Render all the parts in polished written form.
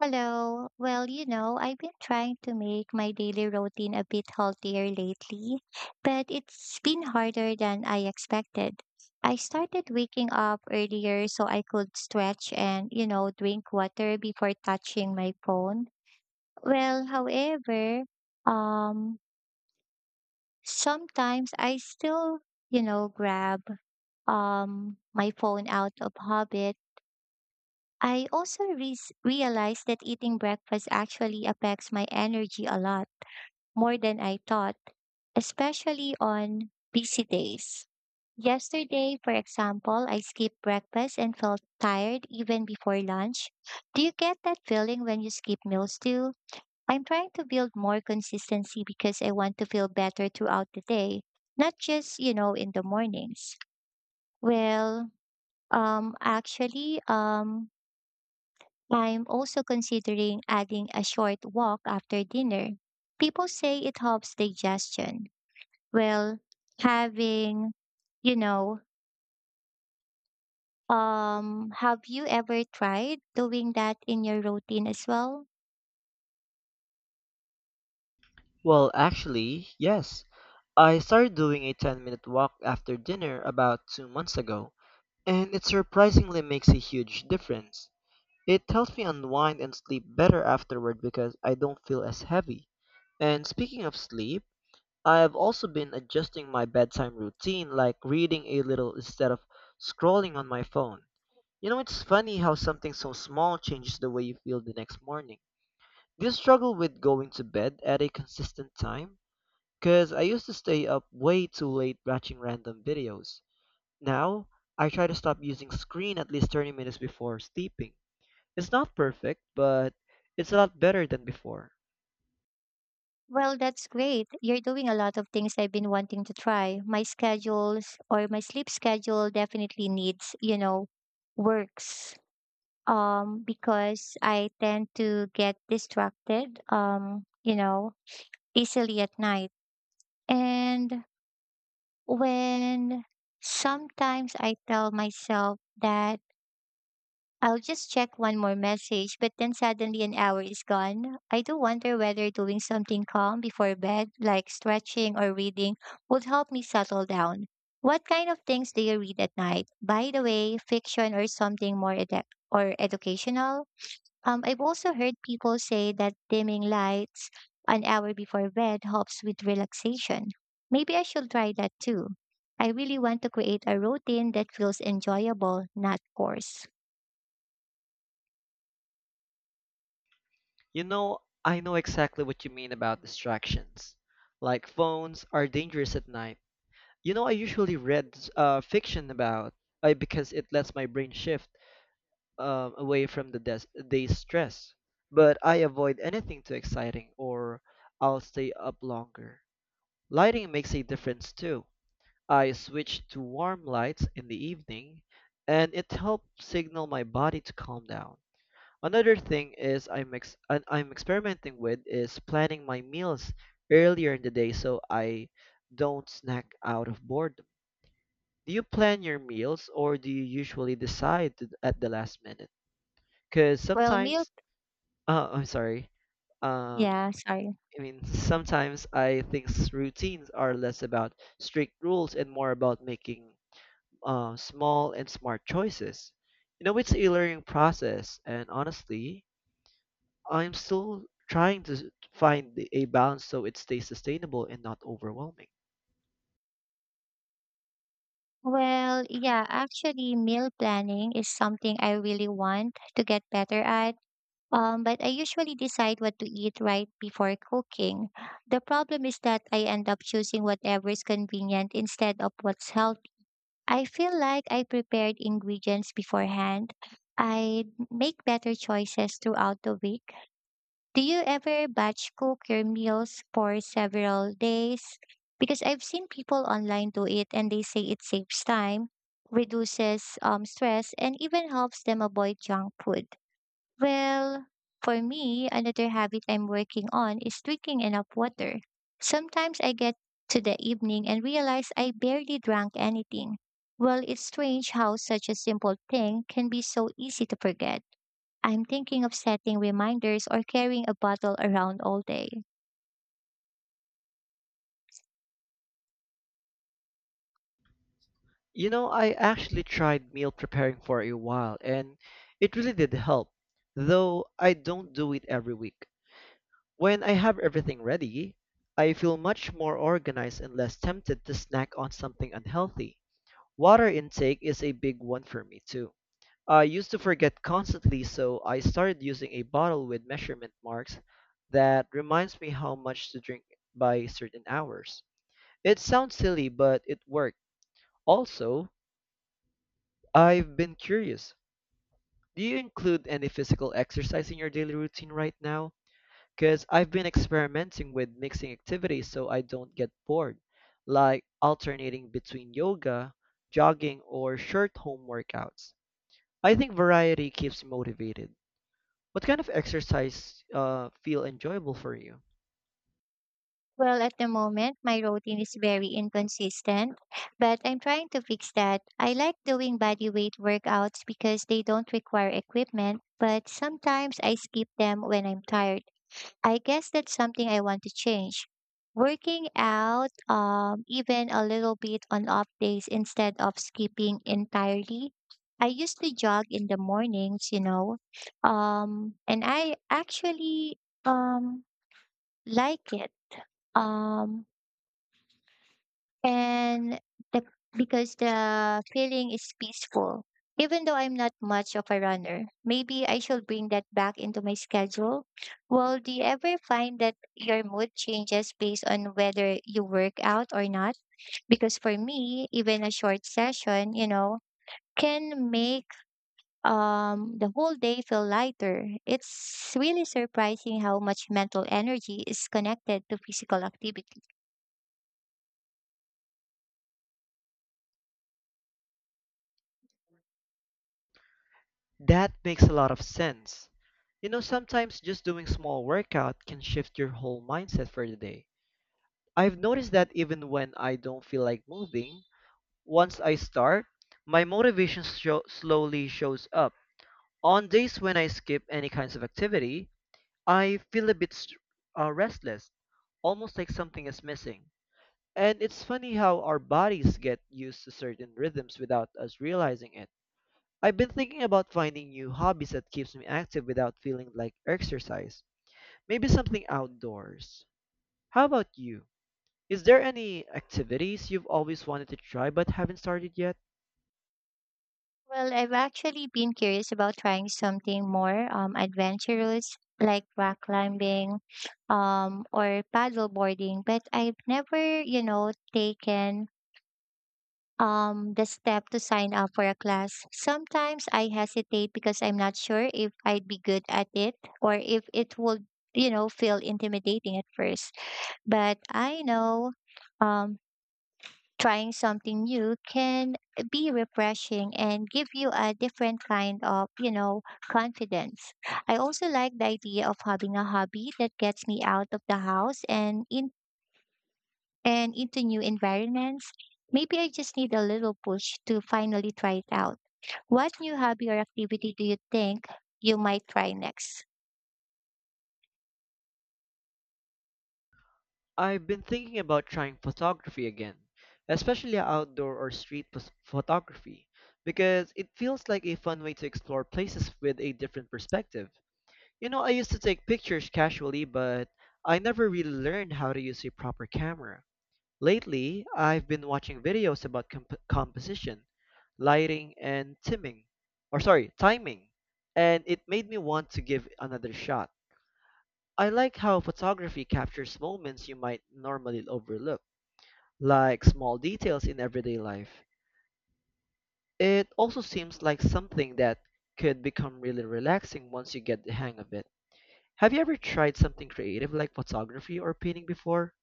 Hello. Well, I've been trying to make my daily routine a bit healthier lately, but it's been harder than I expected. I started waking up earlier so I could stretch and drink water before touching my phone. Well, however, um, sometimes I still grab my phone out of habit. I also realized that eating breakfast actually affects my energy a lot more than I thought, especially on busy days. Yesterday, for example, I skipped breakfast and felt tired even before lunch. Do you get that feeling when you skip meals too? I'm trying to build more consistency because I want to feel better throughout the day, not just in the mornings. Well, actually I'm also considering adding a short walk after dinner. People say it helps digestion. Well, having, you know, have you ever tried doing that in your routine as well? Well, actually, yes. I started doing a 10-minute minute walk after dinner about 2 months ago, and it surprisingly makes a huge difference. It helps me unwind and sleep better afterward because I don't feel as heavy. And speaking of sleep, I have also been adjusting my bedtime routine, like reading a little instead of scrolling on my phone. You know, it's funny how something so small changes the way you feel the next morning. Do you struggle with going to bed at a consistent time? Because I used to stay up way too late watching random videos. Now, I try to stop using screen at least 30 minutes before sleeping. It's not perfect, but it's a lot better than before. Well, that's great. You're doing a lot of things I've been wanting to try. My schedules, or my sleep schedule, definitely needs works. Because I tend to get distracted, easily at night. And when sometimes I tell myself that I'll just check one more message, but then suddenly an hour is gone. I do wonder whether doing something calm before bed, like stretching or reading, would help me settle down. What kind of things do you read at night? By the way, fiction or something more edu- or educational? I've also heard people say that dimming lights an hour before bed helps with relaxation. Maybe I should try that too. I really want to create a routine that feels enjoyable, not forced. You know, I know exactly what you mean about distractions. Like phones are dangerous at night. You know, I usually read fiction about because it lets my brain shift away from the day's stress. But I avoid anything too exciting or I'll stay up longer. Lighting makes a difference too. I switched to warm lights in the evening, and it helped signal my body to calm down. Another thing is I'm ex- and I'm experimenting with is planning my meals earlier in the day so I don't snack out of boredom. Do you plan your meals or do you usually decide at the last minute? Because Well, sometimes, I'm sorry. Um, yeah, sorry. I mean, sometimes I think routines are less about strict rules and more about making small and smart choices. You know, it's a learning process, and honestly, I'm still trying to find a balance so it stays sustainable and not overwhelming. Well, yeah, actually, meal planning is something I really want to get better at. But I usually decide what to eat right before cooking. The problem is that I end up choosing whatever is convenient instead of what's healthy. I feel like I prepared ingredients beforehand. I make better choices throughout the week. Do you ever batch cook your meals for several days? Because I've seen people online do it, and they say it saves time, reduces stress, and even helps them avoid junk food. Well, for me, another habit I'm working on is drinking enough water. Sometimes I get to the evening and realize I barely drank anything. Well, it's strange how such a simple thing can be so easy to forget. I'm thinking of setting reminders or carrying a bottle around all day. You know, I actually tried meal preparing for a while, and it really did help, though I don't do it every week. When I have everything ready, I feel much more organized and less tempted to snack on something unhealthy. Water intake is a big one for me too. I used to forget constantly, so I started using a bottle with measurement marks that reminds me how much to drink by certain hours. It sounds silly, but it worked. Also, I've been curious. Do you include any physical exercise in your daily routine right now? Because I've been experimenting with mixing activities so I don't get bored, like alternating between yoga, jogging, or short home workouts. I think variety keeps me motivated. What kind of exercise feel enjoyable for you? Well, at the moment, my routine is very inconsistent, but I'm trying to fix that. I like doing body weight workouts because they don't require equipment, but sometimes I skip them when I'm tired. I guess that's something I want to change. Working out, even a little bit on off days instead of skipping entirely. I used to jog in the mornings, and I actually um, like it. Um, and the, because the feeling is peaceful. Even though I'm not much of a runner, maybe I should bring that back into my schedule. Well, do you ever find that your mood changes based on whether you work out or not? Because for me, even a short session can make the whole day feel lighter. It's really surprising how much mental energy is connected to physical activity. That makes a lot of sense. You know, sometimes just doing small workout can shift your whole mindset for the day. I've noticed that even when I don't feel like moving, once I start, my motivation slowly shows up. On days when I skip any kinds of activity, I feel a bit restless, almost like something is missing. And it's funny how our bodies get used to certain rhythms without us realizing it. I've been thinking about finding new hobbies that keeps me active without feeling like exercise. Maybe something outdoors. How about you? Is there any activities you've always wanted to try but haven't started yet? Well, I've actually been curious about trying something more adventurous, like rock climbing or paddle boarding, but I've never taken the step to sign up for a class. Sometimes I hesitate because I'm not sure if I'd be good at it, or if it would feel intimidating at first. But I know. Um, Trying something new can be refreshing and give you a different kind of confidence. I also like the idea of having a hobby that gets me out of the house and in and into new environments. Maybe I just need a little push to finally try it out. What new hobby or activity do you think you might try next? I've been thinking about trying photography again, especially outdoor or street photography, because it feels like a fun way to explore places with a different perspective. You know, I used to take pictures casually, but I never really learned how to use a proper camera. Lately, I've been watching videos about composition, lighting, and timing, or sorry, timing, and it made me want to give another shot. I like how photography captures moments you might normally overlook like small details in everyday life. It also seems like something that could become really relaxing once you get the hang of it. Have you ever tried something creative like photography or painting before?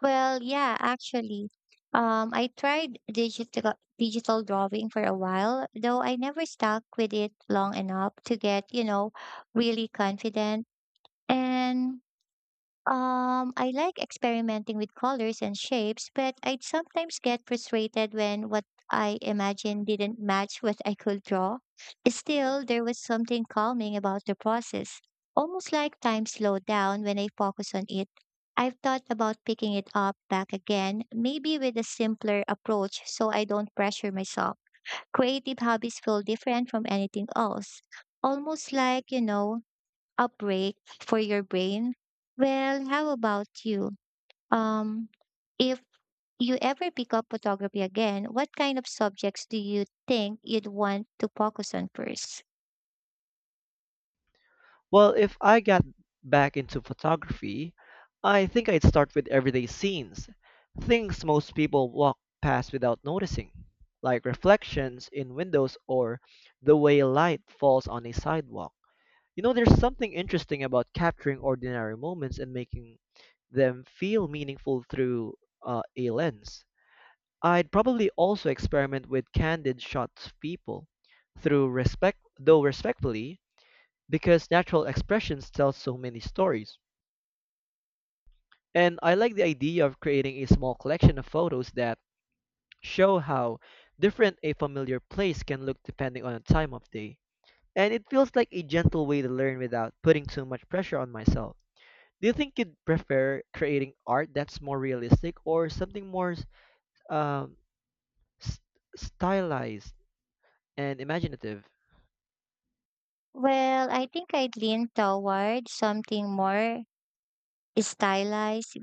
Well, yeah, actually, I tried digital drawing for a while, though I never stuck with it long enough to get really confident. And I like experimenting with colors and shapes, but I'd sometimes get frustrated when what I imagined didn't match what I could draw. Still, there was something calming about the process, almost like time slowed down when I focus on it. I've thought about picking it up back again, maybe with a simpler approach so I don't pressure myself. Creative hobbies feel different from anything else, almost like outbreak for your brain. Well, how about you? Um, if you ever pick up photography again, what kind of subjects do you think you'd want to focus on first? Well, if I got back into photography, I think I'd start with everyday scenes, things most people walk past without noticing, like reflections in windows or the way light falls on a sidewalk. You know, there's something interesting about capturing ordinary moments and making them feel meaningful through a lens. I'd probably also experiment with candid shots of people through respect, though respectfully, because natural expressions tell so many stories. And I like the idea of creating a small collection of photos that show how different a familiar place can look depending on the time of day. And it feels like a gentle way to learn without putting too much pressure on myself. Do you think you'd prefer creating art that's more realistic or something more um, s- stylized and imaginative. Well, I think I'd lean toward something more stylized,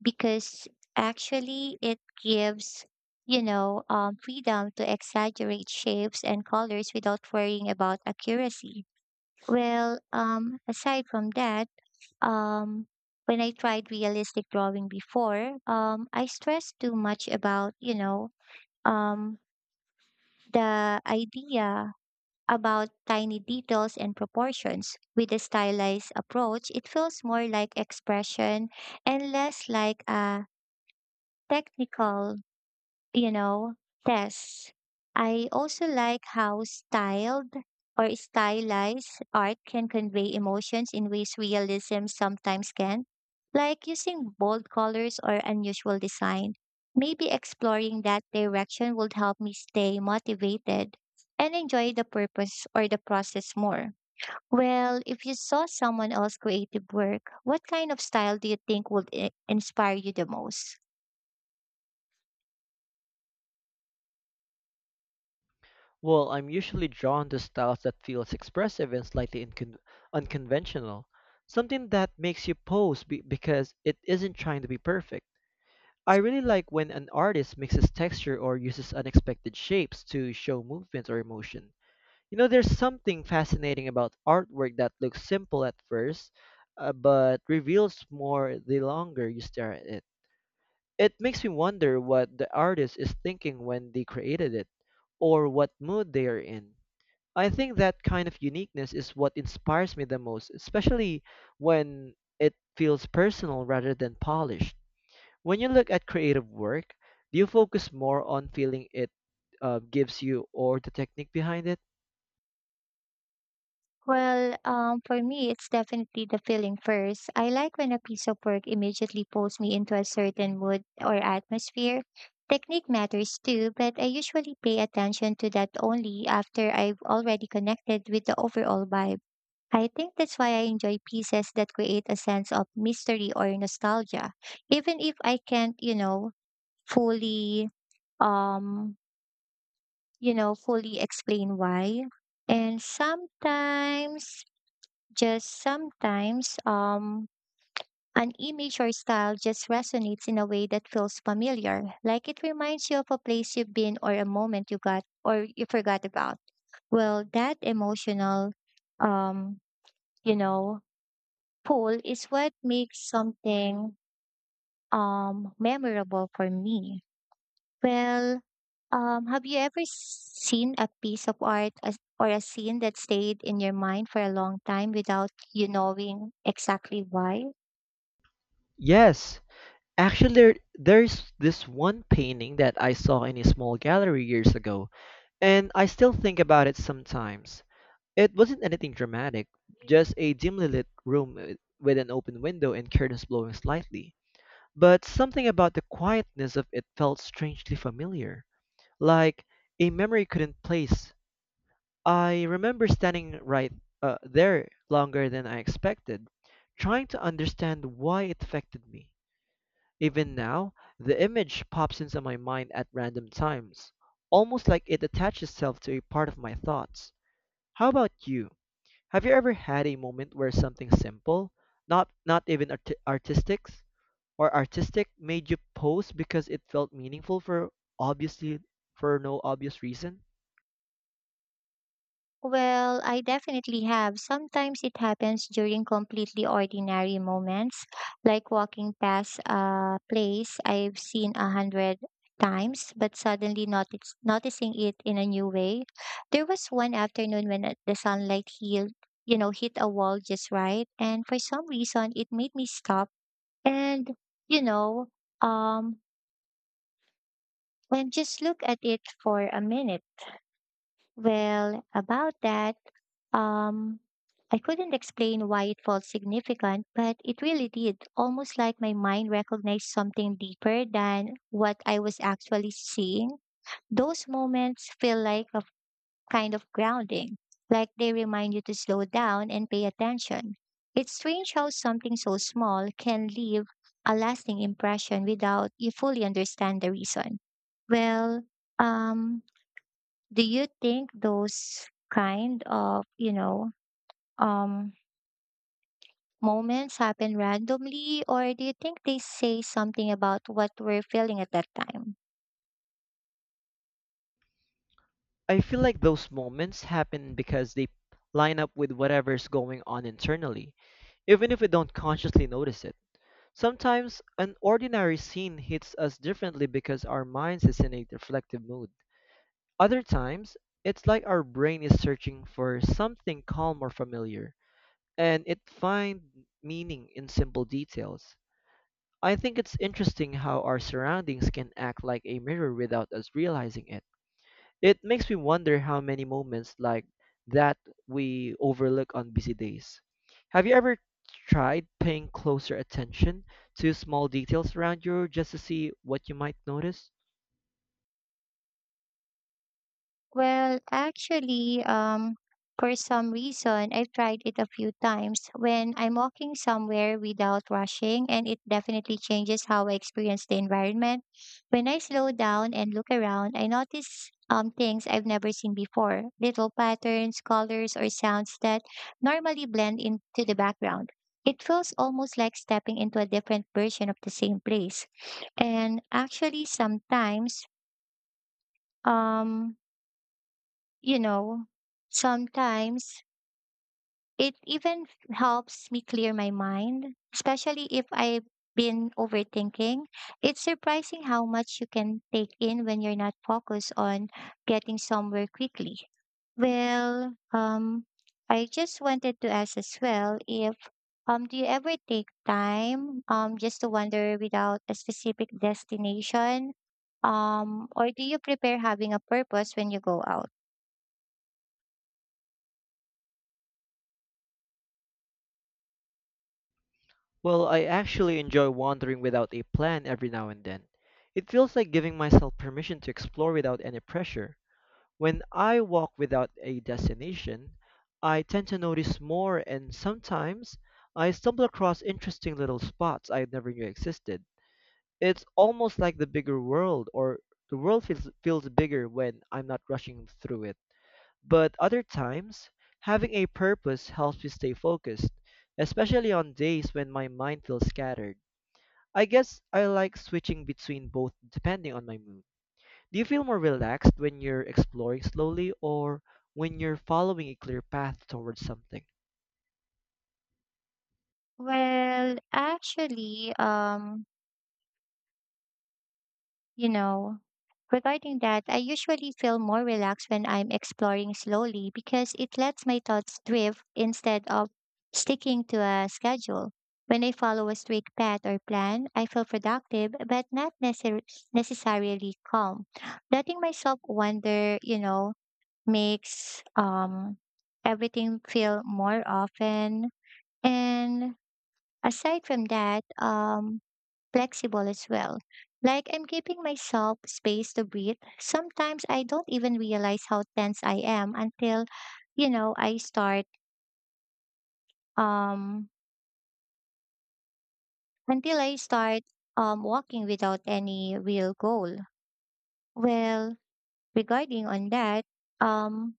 because actually it gives freedom to exaggerate shapes and colors without worrying about accuracy. Well, aside from that, um, when I tried realistic drawing before, I stressed too much aboutum, the idea about tiny details and proportions. With a stylized approach, it feels more like expression and less like a technical you know, tests. I also like how styled, or stylized, art can convey emotions in ways realism sometimes can, like using bold colors or unusual design. Maybe exploring that direction would help me stay motivated and enjoy the purpose, or the process, more. Well, if you saw someone else's creative work, what kind of style do you think would inspire you the most? Well, I'm usually drawn to styles that feels expressive and slightly unconventional, something that makes you pose because it isn't trying to be perfect. I really like when an artist mixes texture or uses unexpected shapes to show movement or emotion. You know, there's something fascinating about artwork that looks simple at first, but reveals more the longer you stare at it. It makes me wonder what the artist is thinking when they created it, or what mood they are in. I think that kind of uniqueness is what inspires me the most, especially when it feels personal rather than polished. When you look at creative work, do you focus more on feeling it gives you or the technique behind it? Well, for me, it's definitely the feeling first. I like when a piece of work immediately pulls me into a certain mood or atmosphere. Technique matters too, but I usually pay attention to that only after I've already connected with the overall vibe. I think that's why I enjoy pieces that create a sense of mystery or nostalgia, even if I can't, fully, um, fully explain why. And sometimes just sometimes an image or style just resonates in a way that feels familiar, like it reminds you of a place you've been, or a moment you got or you forgot about. Well, that emotional um you know pull is what makes something memorable for me. Well, have you ever seen a piece of art or a scene that stayed in your mind for a long time without you knowing exactly why? Yes. Actually, there's this one painting that I saw in a small gallery years ago, and I still think about it sometimes. It wasn't anything dramatic, just a dimly lit room with an open window and curtains blowing slightly. But something about the quietness of it felt strangely familiar, like a memory couldn't place. I remember standing right there longer than I expected, trying to understand why it affected me. Even now, the image pops into my mind at random times, almost like it attaches itself to a part of my thoughts. How about you? Have you ever had a moment where something simple, not even artistic or artistic, made you pause because it felt meaningful obviously for no obvious reason? Well, I definitely have. Sometimes it happens during completely ordinary moments, like walking past a place I've seen 100 times, but suddenly noticing it in a new way. There was one afternoon when the sunlight hit a wall just right, and for some reason it made me stop and, you know, um, just look at it for a minute. Well, about that, um, I couldn't explain why it felt significant, but it really did. Almost like my mind recognized something deeper than what I was actually seeing. Those moments feel like a kind of grounding, like they remind you to slow down and pay attention. It's strange how something so small can leave a lasting impression without you fully understand the reason. Well, um, do you think those kind of um moments happen randomly, or do you think they say something about what we're feeling at that time? I feel like those moments happen because they line up with whatever's going on internally, even if we don't consciously notice it. Sometimes an ordinary scene hits us differently because our minds is in a reflective mood. Other times, it's like our brain is searching for something calm or familiar and it find meaning in simple details. I think it's interesting how our surroundings can act like a mirror without us realizing it. It makes me wonder how many moments like that we overlook on busy days. Have you ever tried paying closer attention to small details around you just to see what you might notice? Well, actually, for some reason, I've tried it a few times when I'm walking somewhere without rushing, and it definitely changes how I experience the environment. When I slow down and look around, I notice things I've never seen before, little patterns, colors, or sounds that normally blend into the background. It feels almost like stepping into a different version of the same place. And actually, um, you know, sometimes it even helps me clear my mind, especially if I've been overthinking. It's surprising how much you can take in when you're not focused on getting somewhere quickly. Well, I just wanted to ask as well, if do you ever take time just to wander without a specific destination? Or do you prepare having a purpose when you go out? Well, I actually enjoy wandering without a plan every now and then. It feels like giving myself permission to explore without any pressure. When I walk without a destination, I tend to notice more, and sometimes I stumble across interesting little spots I never knew existed. It's almost like the world feels bigger when I'm not rushing through it. But other times, having a purpose helps me stay focused, especially on days when my mind feels scattered. I guess I like switching between both depending on my mood. Do you feel more relaxed when you're exploring slowly or when you're following a clear path towards something? Well, actually, you know, regarding that, I usually feel more relaxed when I'm exploring slowly because it lets my thoughts drift instead of sticking to a schedule. When I follow a straight path or plan, I feel productive but not necessarily calm. Letting myself wander makes everything feel more often. And aside from that, flexible as well. Like I'm giving myself space to breathe. Sometimes I don't even realize how tense I am until, you know, I start um I start walking without any real goal. Well, regarding on that, um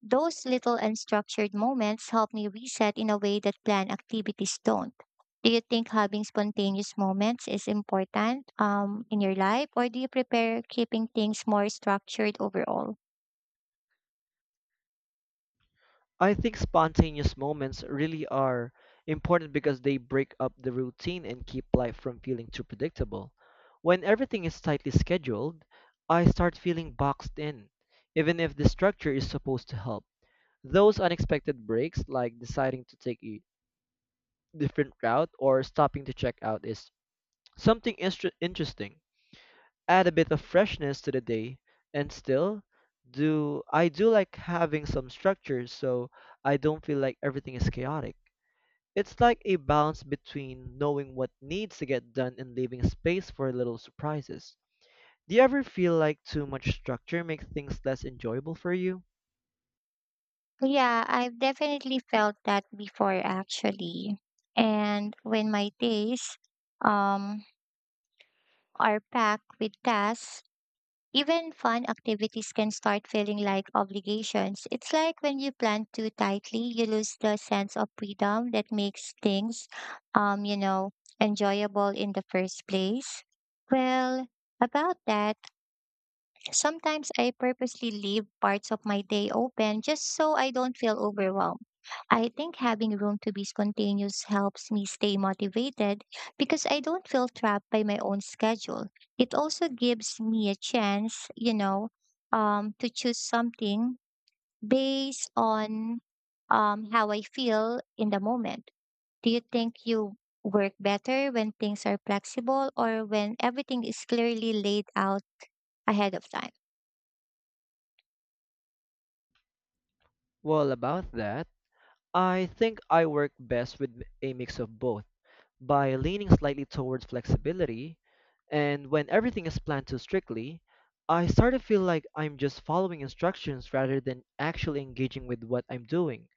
those little unstructured moments help me reset in a way that planned activities don't. Do you think having spontaneous moments is important in your life, or do you prepare keeping things more structured overall? I think spontaneous moments really are important because they break up the routine and keep life from feeling too predictable. When everything is tightly scheduled, I start feeling boxed in, even if the structure is supposed to help. Those unexpected breaks, like deciding to take a different route or stopping to check out, is something interesting add a bit of freshness to the day and still do I do like having some structure so I don't feel like everything is chaotic. It's like a balance between knowing what needs to get done and leaving space for little surprises. Do you ever feel like too much structure makes things less enjoyable for you? Yeah, I've definitely felt that before, actually. And when my days um, are packed with tasks, even fun activities can start feeling like obligations. It's like when you plan too tightly, you lose the sense of freedom that makes things, um, you know, enjoyable in the first place. Well, about that, sometimes I purposely leave parts of my day open just so I don't feel overwhelmed. I think having room to be spontaneous helps me stay motivated because I don't feel trapped by my own schedule. It also gives me a chance, you know, to choose something based on how I feel in the moment. Do you think you work better when things are flexible or when everything is clearly laid out ahead of time? Well, about that, I think I work best with a mix of both. By leaning slightly towards flexibility, and when everything is planned too strictly, I start to feel like I'm just following instructions rather than actually engaging with what I'm doing.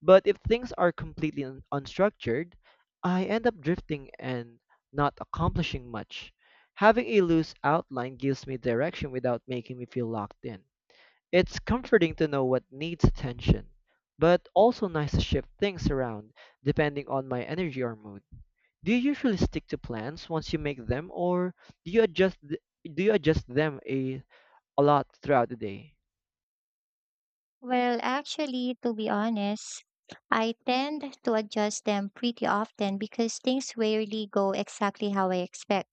But if things are completely unstructured, I end up drifting and not accomplishing much. Having a loose outline gives me direction without making me feel locked in. It's comforting to know what needs attention, but also nice to shift things around depending on my energy or mood. Do you usually stick to plans once you make them, or do you adjust th- do you adjust them a lot throughout the day? Well, actually, to be honest, I tend to adjust them pretty often because things rarely go exactly how I expect.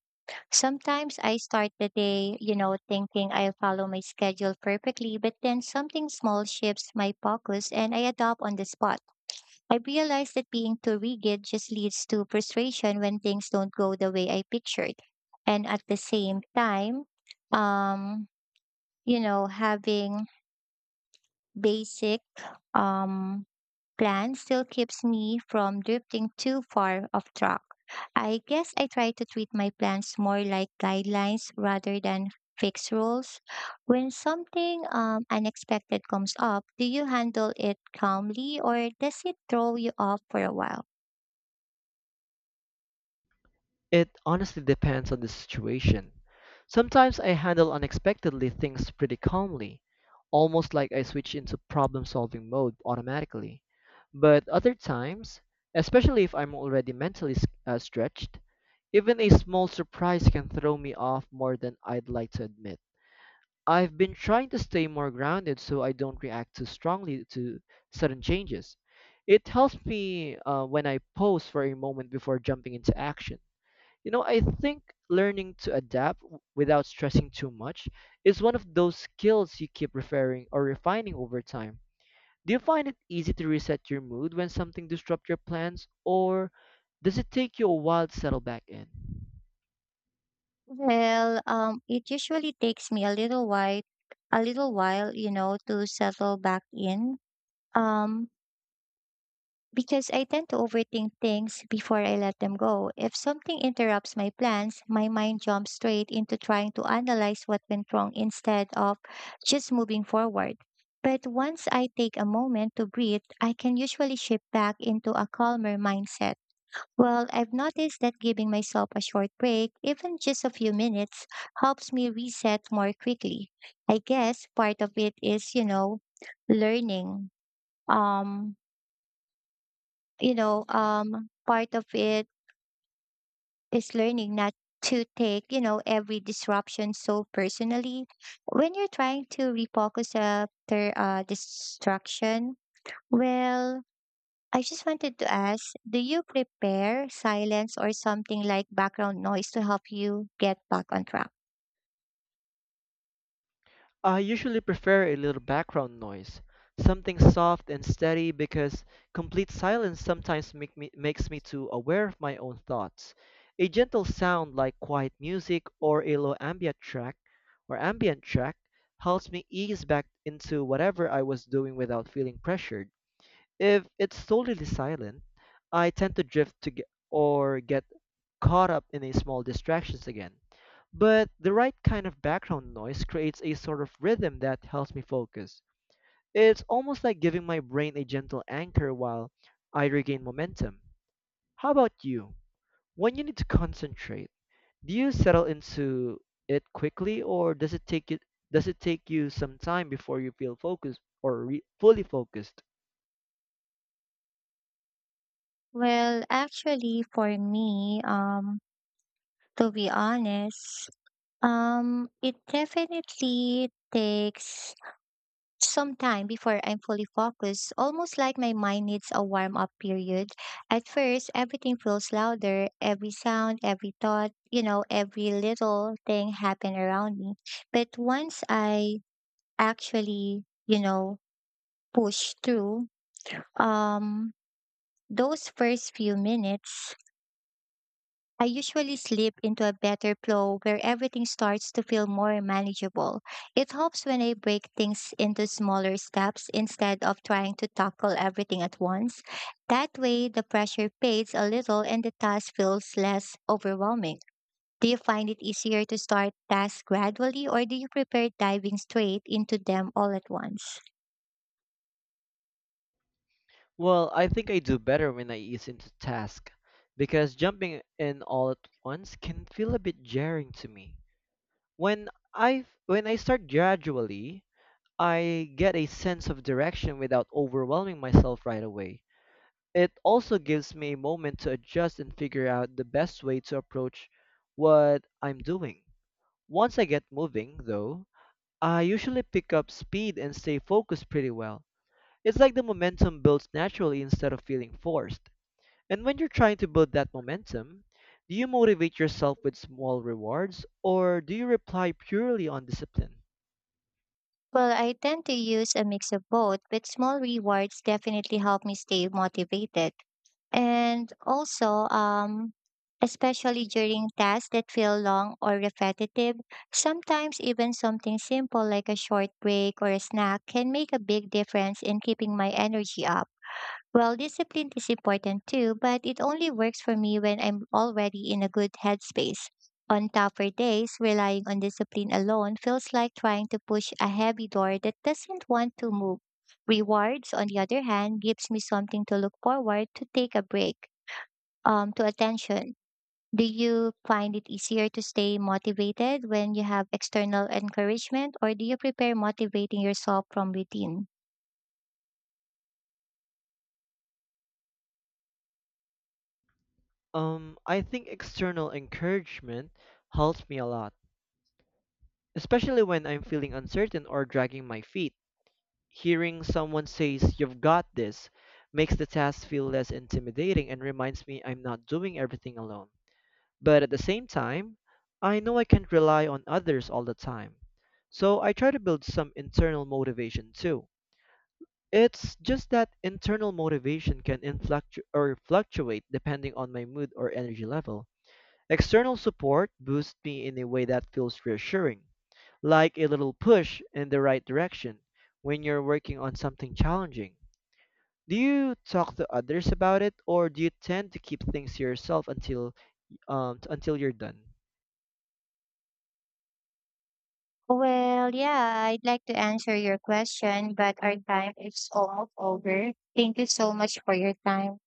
Sometimes I start the day, you know, thinking I'll follow my schedule perfectly, but then something small shifts my focus and I adapt on the spot. I realize that being too rigid just leads to frustration when things don't go the way I pictured. And at the same time, um, you know, having basic um, plan still keeps me from drifting too far off track. I guess I try to treat my plans more like guidelines rather than fixed rules. When something unexpected comes up, do you handle it calmly or does it throw you off for a while? It honestly depends on the situation. Sometimes I handle unexpectedly things pretty calmly, almost like I switch into problem-solving mode automatically. But other times, especially if I'm already mentally stretched, even a small surprise can throw me off more than I'd like to admit. I've been trying to stay more grounded so I don't react too strongly to sudden changes. It helps me when I pause for a moment before jumping into action. You know, I think learning to adapt without stressing too much is one of those skills you keep referring or refining over time. Do you find it easy to reset your mood when something disrupts your plans, or does it take you a while to settle back in? Well, it usually takes me a little while, you know, to settle back in. Um, because I tend to overthink things before I let them go. If something interrupts my plans, my mind jumps straight into trying to analyze what went wrong instead of just moving forward. But once I take a moment to breathe, I can usually shift back into a calmer mindset. Well, I've noticed that giving myself a short break, even just a few minutes, helps me reset more quickly. I guess part of it is, you know, learning. Um, part of it is learning not to take, you know, every disruption so personally. When you're trying to refocus after distraction, well, I just wanted to ask, do you prepare silence or something like background noise to help you get back on track? I usually prefer a little background noise, something soft and steady because complete silence sometimes makes me too aware of my own thoughts. A gentle sound like quiet music or a low ambient track or ambient track helps me ease back into whatever I was doing without feeling pressured. If it's totally silent, I tend to drift to get, or get caught up in a small distractions again. But the right kind of background noise creates a sort of rhythm that helps me focus. It's almost like giving my brain a gentle anchor while I regain momentum. How about you? When you need to concentrate, do you settle into it quickly or does it take you some time before you feel focused or fully focused? Well, actually, for me, to be honest, it definitely takes some time before I'm fully focused, almost like my mind needs a warm up period. At first, everything feels louder, every sound, every thought, you know, every little thing happen around me. But once I actually, you know, push through, um, those first few minutes I usually slip into a better flow where everything starts to feel more manageable. It helps when I break things into smaller steps instead of trying to tackle everything at once. That way, the pressure fades a little and the task feels less overwhelming. Do you find it easier to start tasks gradually or do you prefer diving straight into them all at once? Well, I think I do better when I ease into task because jumping in all at once can feel a bit jarring to me. When when I start gradually, I get a sense of direction without overwhelming myself right away. It also gives me a moment to adjust and figure out the best way to approach what I'm doing. Once I get moving, though, I usually pick up speed and stay focused pretty well. It's like the momentum builds naturally instead of feeling forced. And when you're trying to build that momentum, do you motivate yourself with small rewards or do you rely purely on discipline? Well, I tend to use a mix of both, but small rewards definitely help me stay motivated. And also, especially during tasks that feel long or repetitive, sometimes even something simple like a short break or a snack can make a big difference in keeping my energy up. Well, discipline is important too, but it only works for me when I'm already in a good headspace. On tougher days, relying on discipline alone feels like trying to push a heavy door that doesn't want to move. Rewards, on the other hand, gives me something to look forward to take a break, to attention. Do you find it easier to stay motivated when you have external encouragement, or do you prepare motivating yourself from within? I think external encouragement helps me a lot, especially when I'm feeling uncertain or dragging my feet. Hearing someone says, You've got this, makes the task feel less intimidating and reminds me I'm not doing everything alone. But at the same time, I know I can't rely on others all the time. So I try to build some internal motivation too. It's just that internal motivation can influctu- or fluctuate depending on my mood or energy level. External support boosts me in a way that feels reassuring, like a little push in the right direction when you're working on something challenging. Do you talk to others about it, or do you tend to keep things to yourself until you're done? Well, yeah, I'd like to answer your question, but our time is almost over. Thank you so much for your time.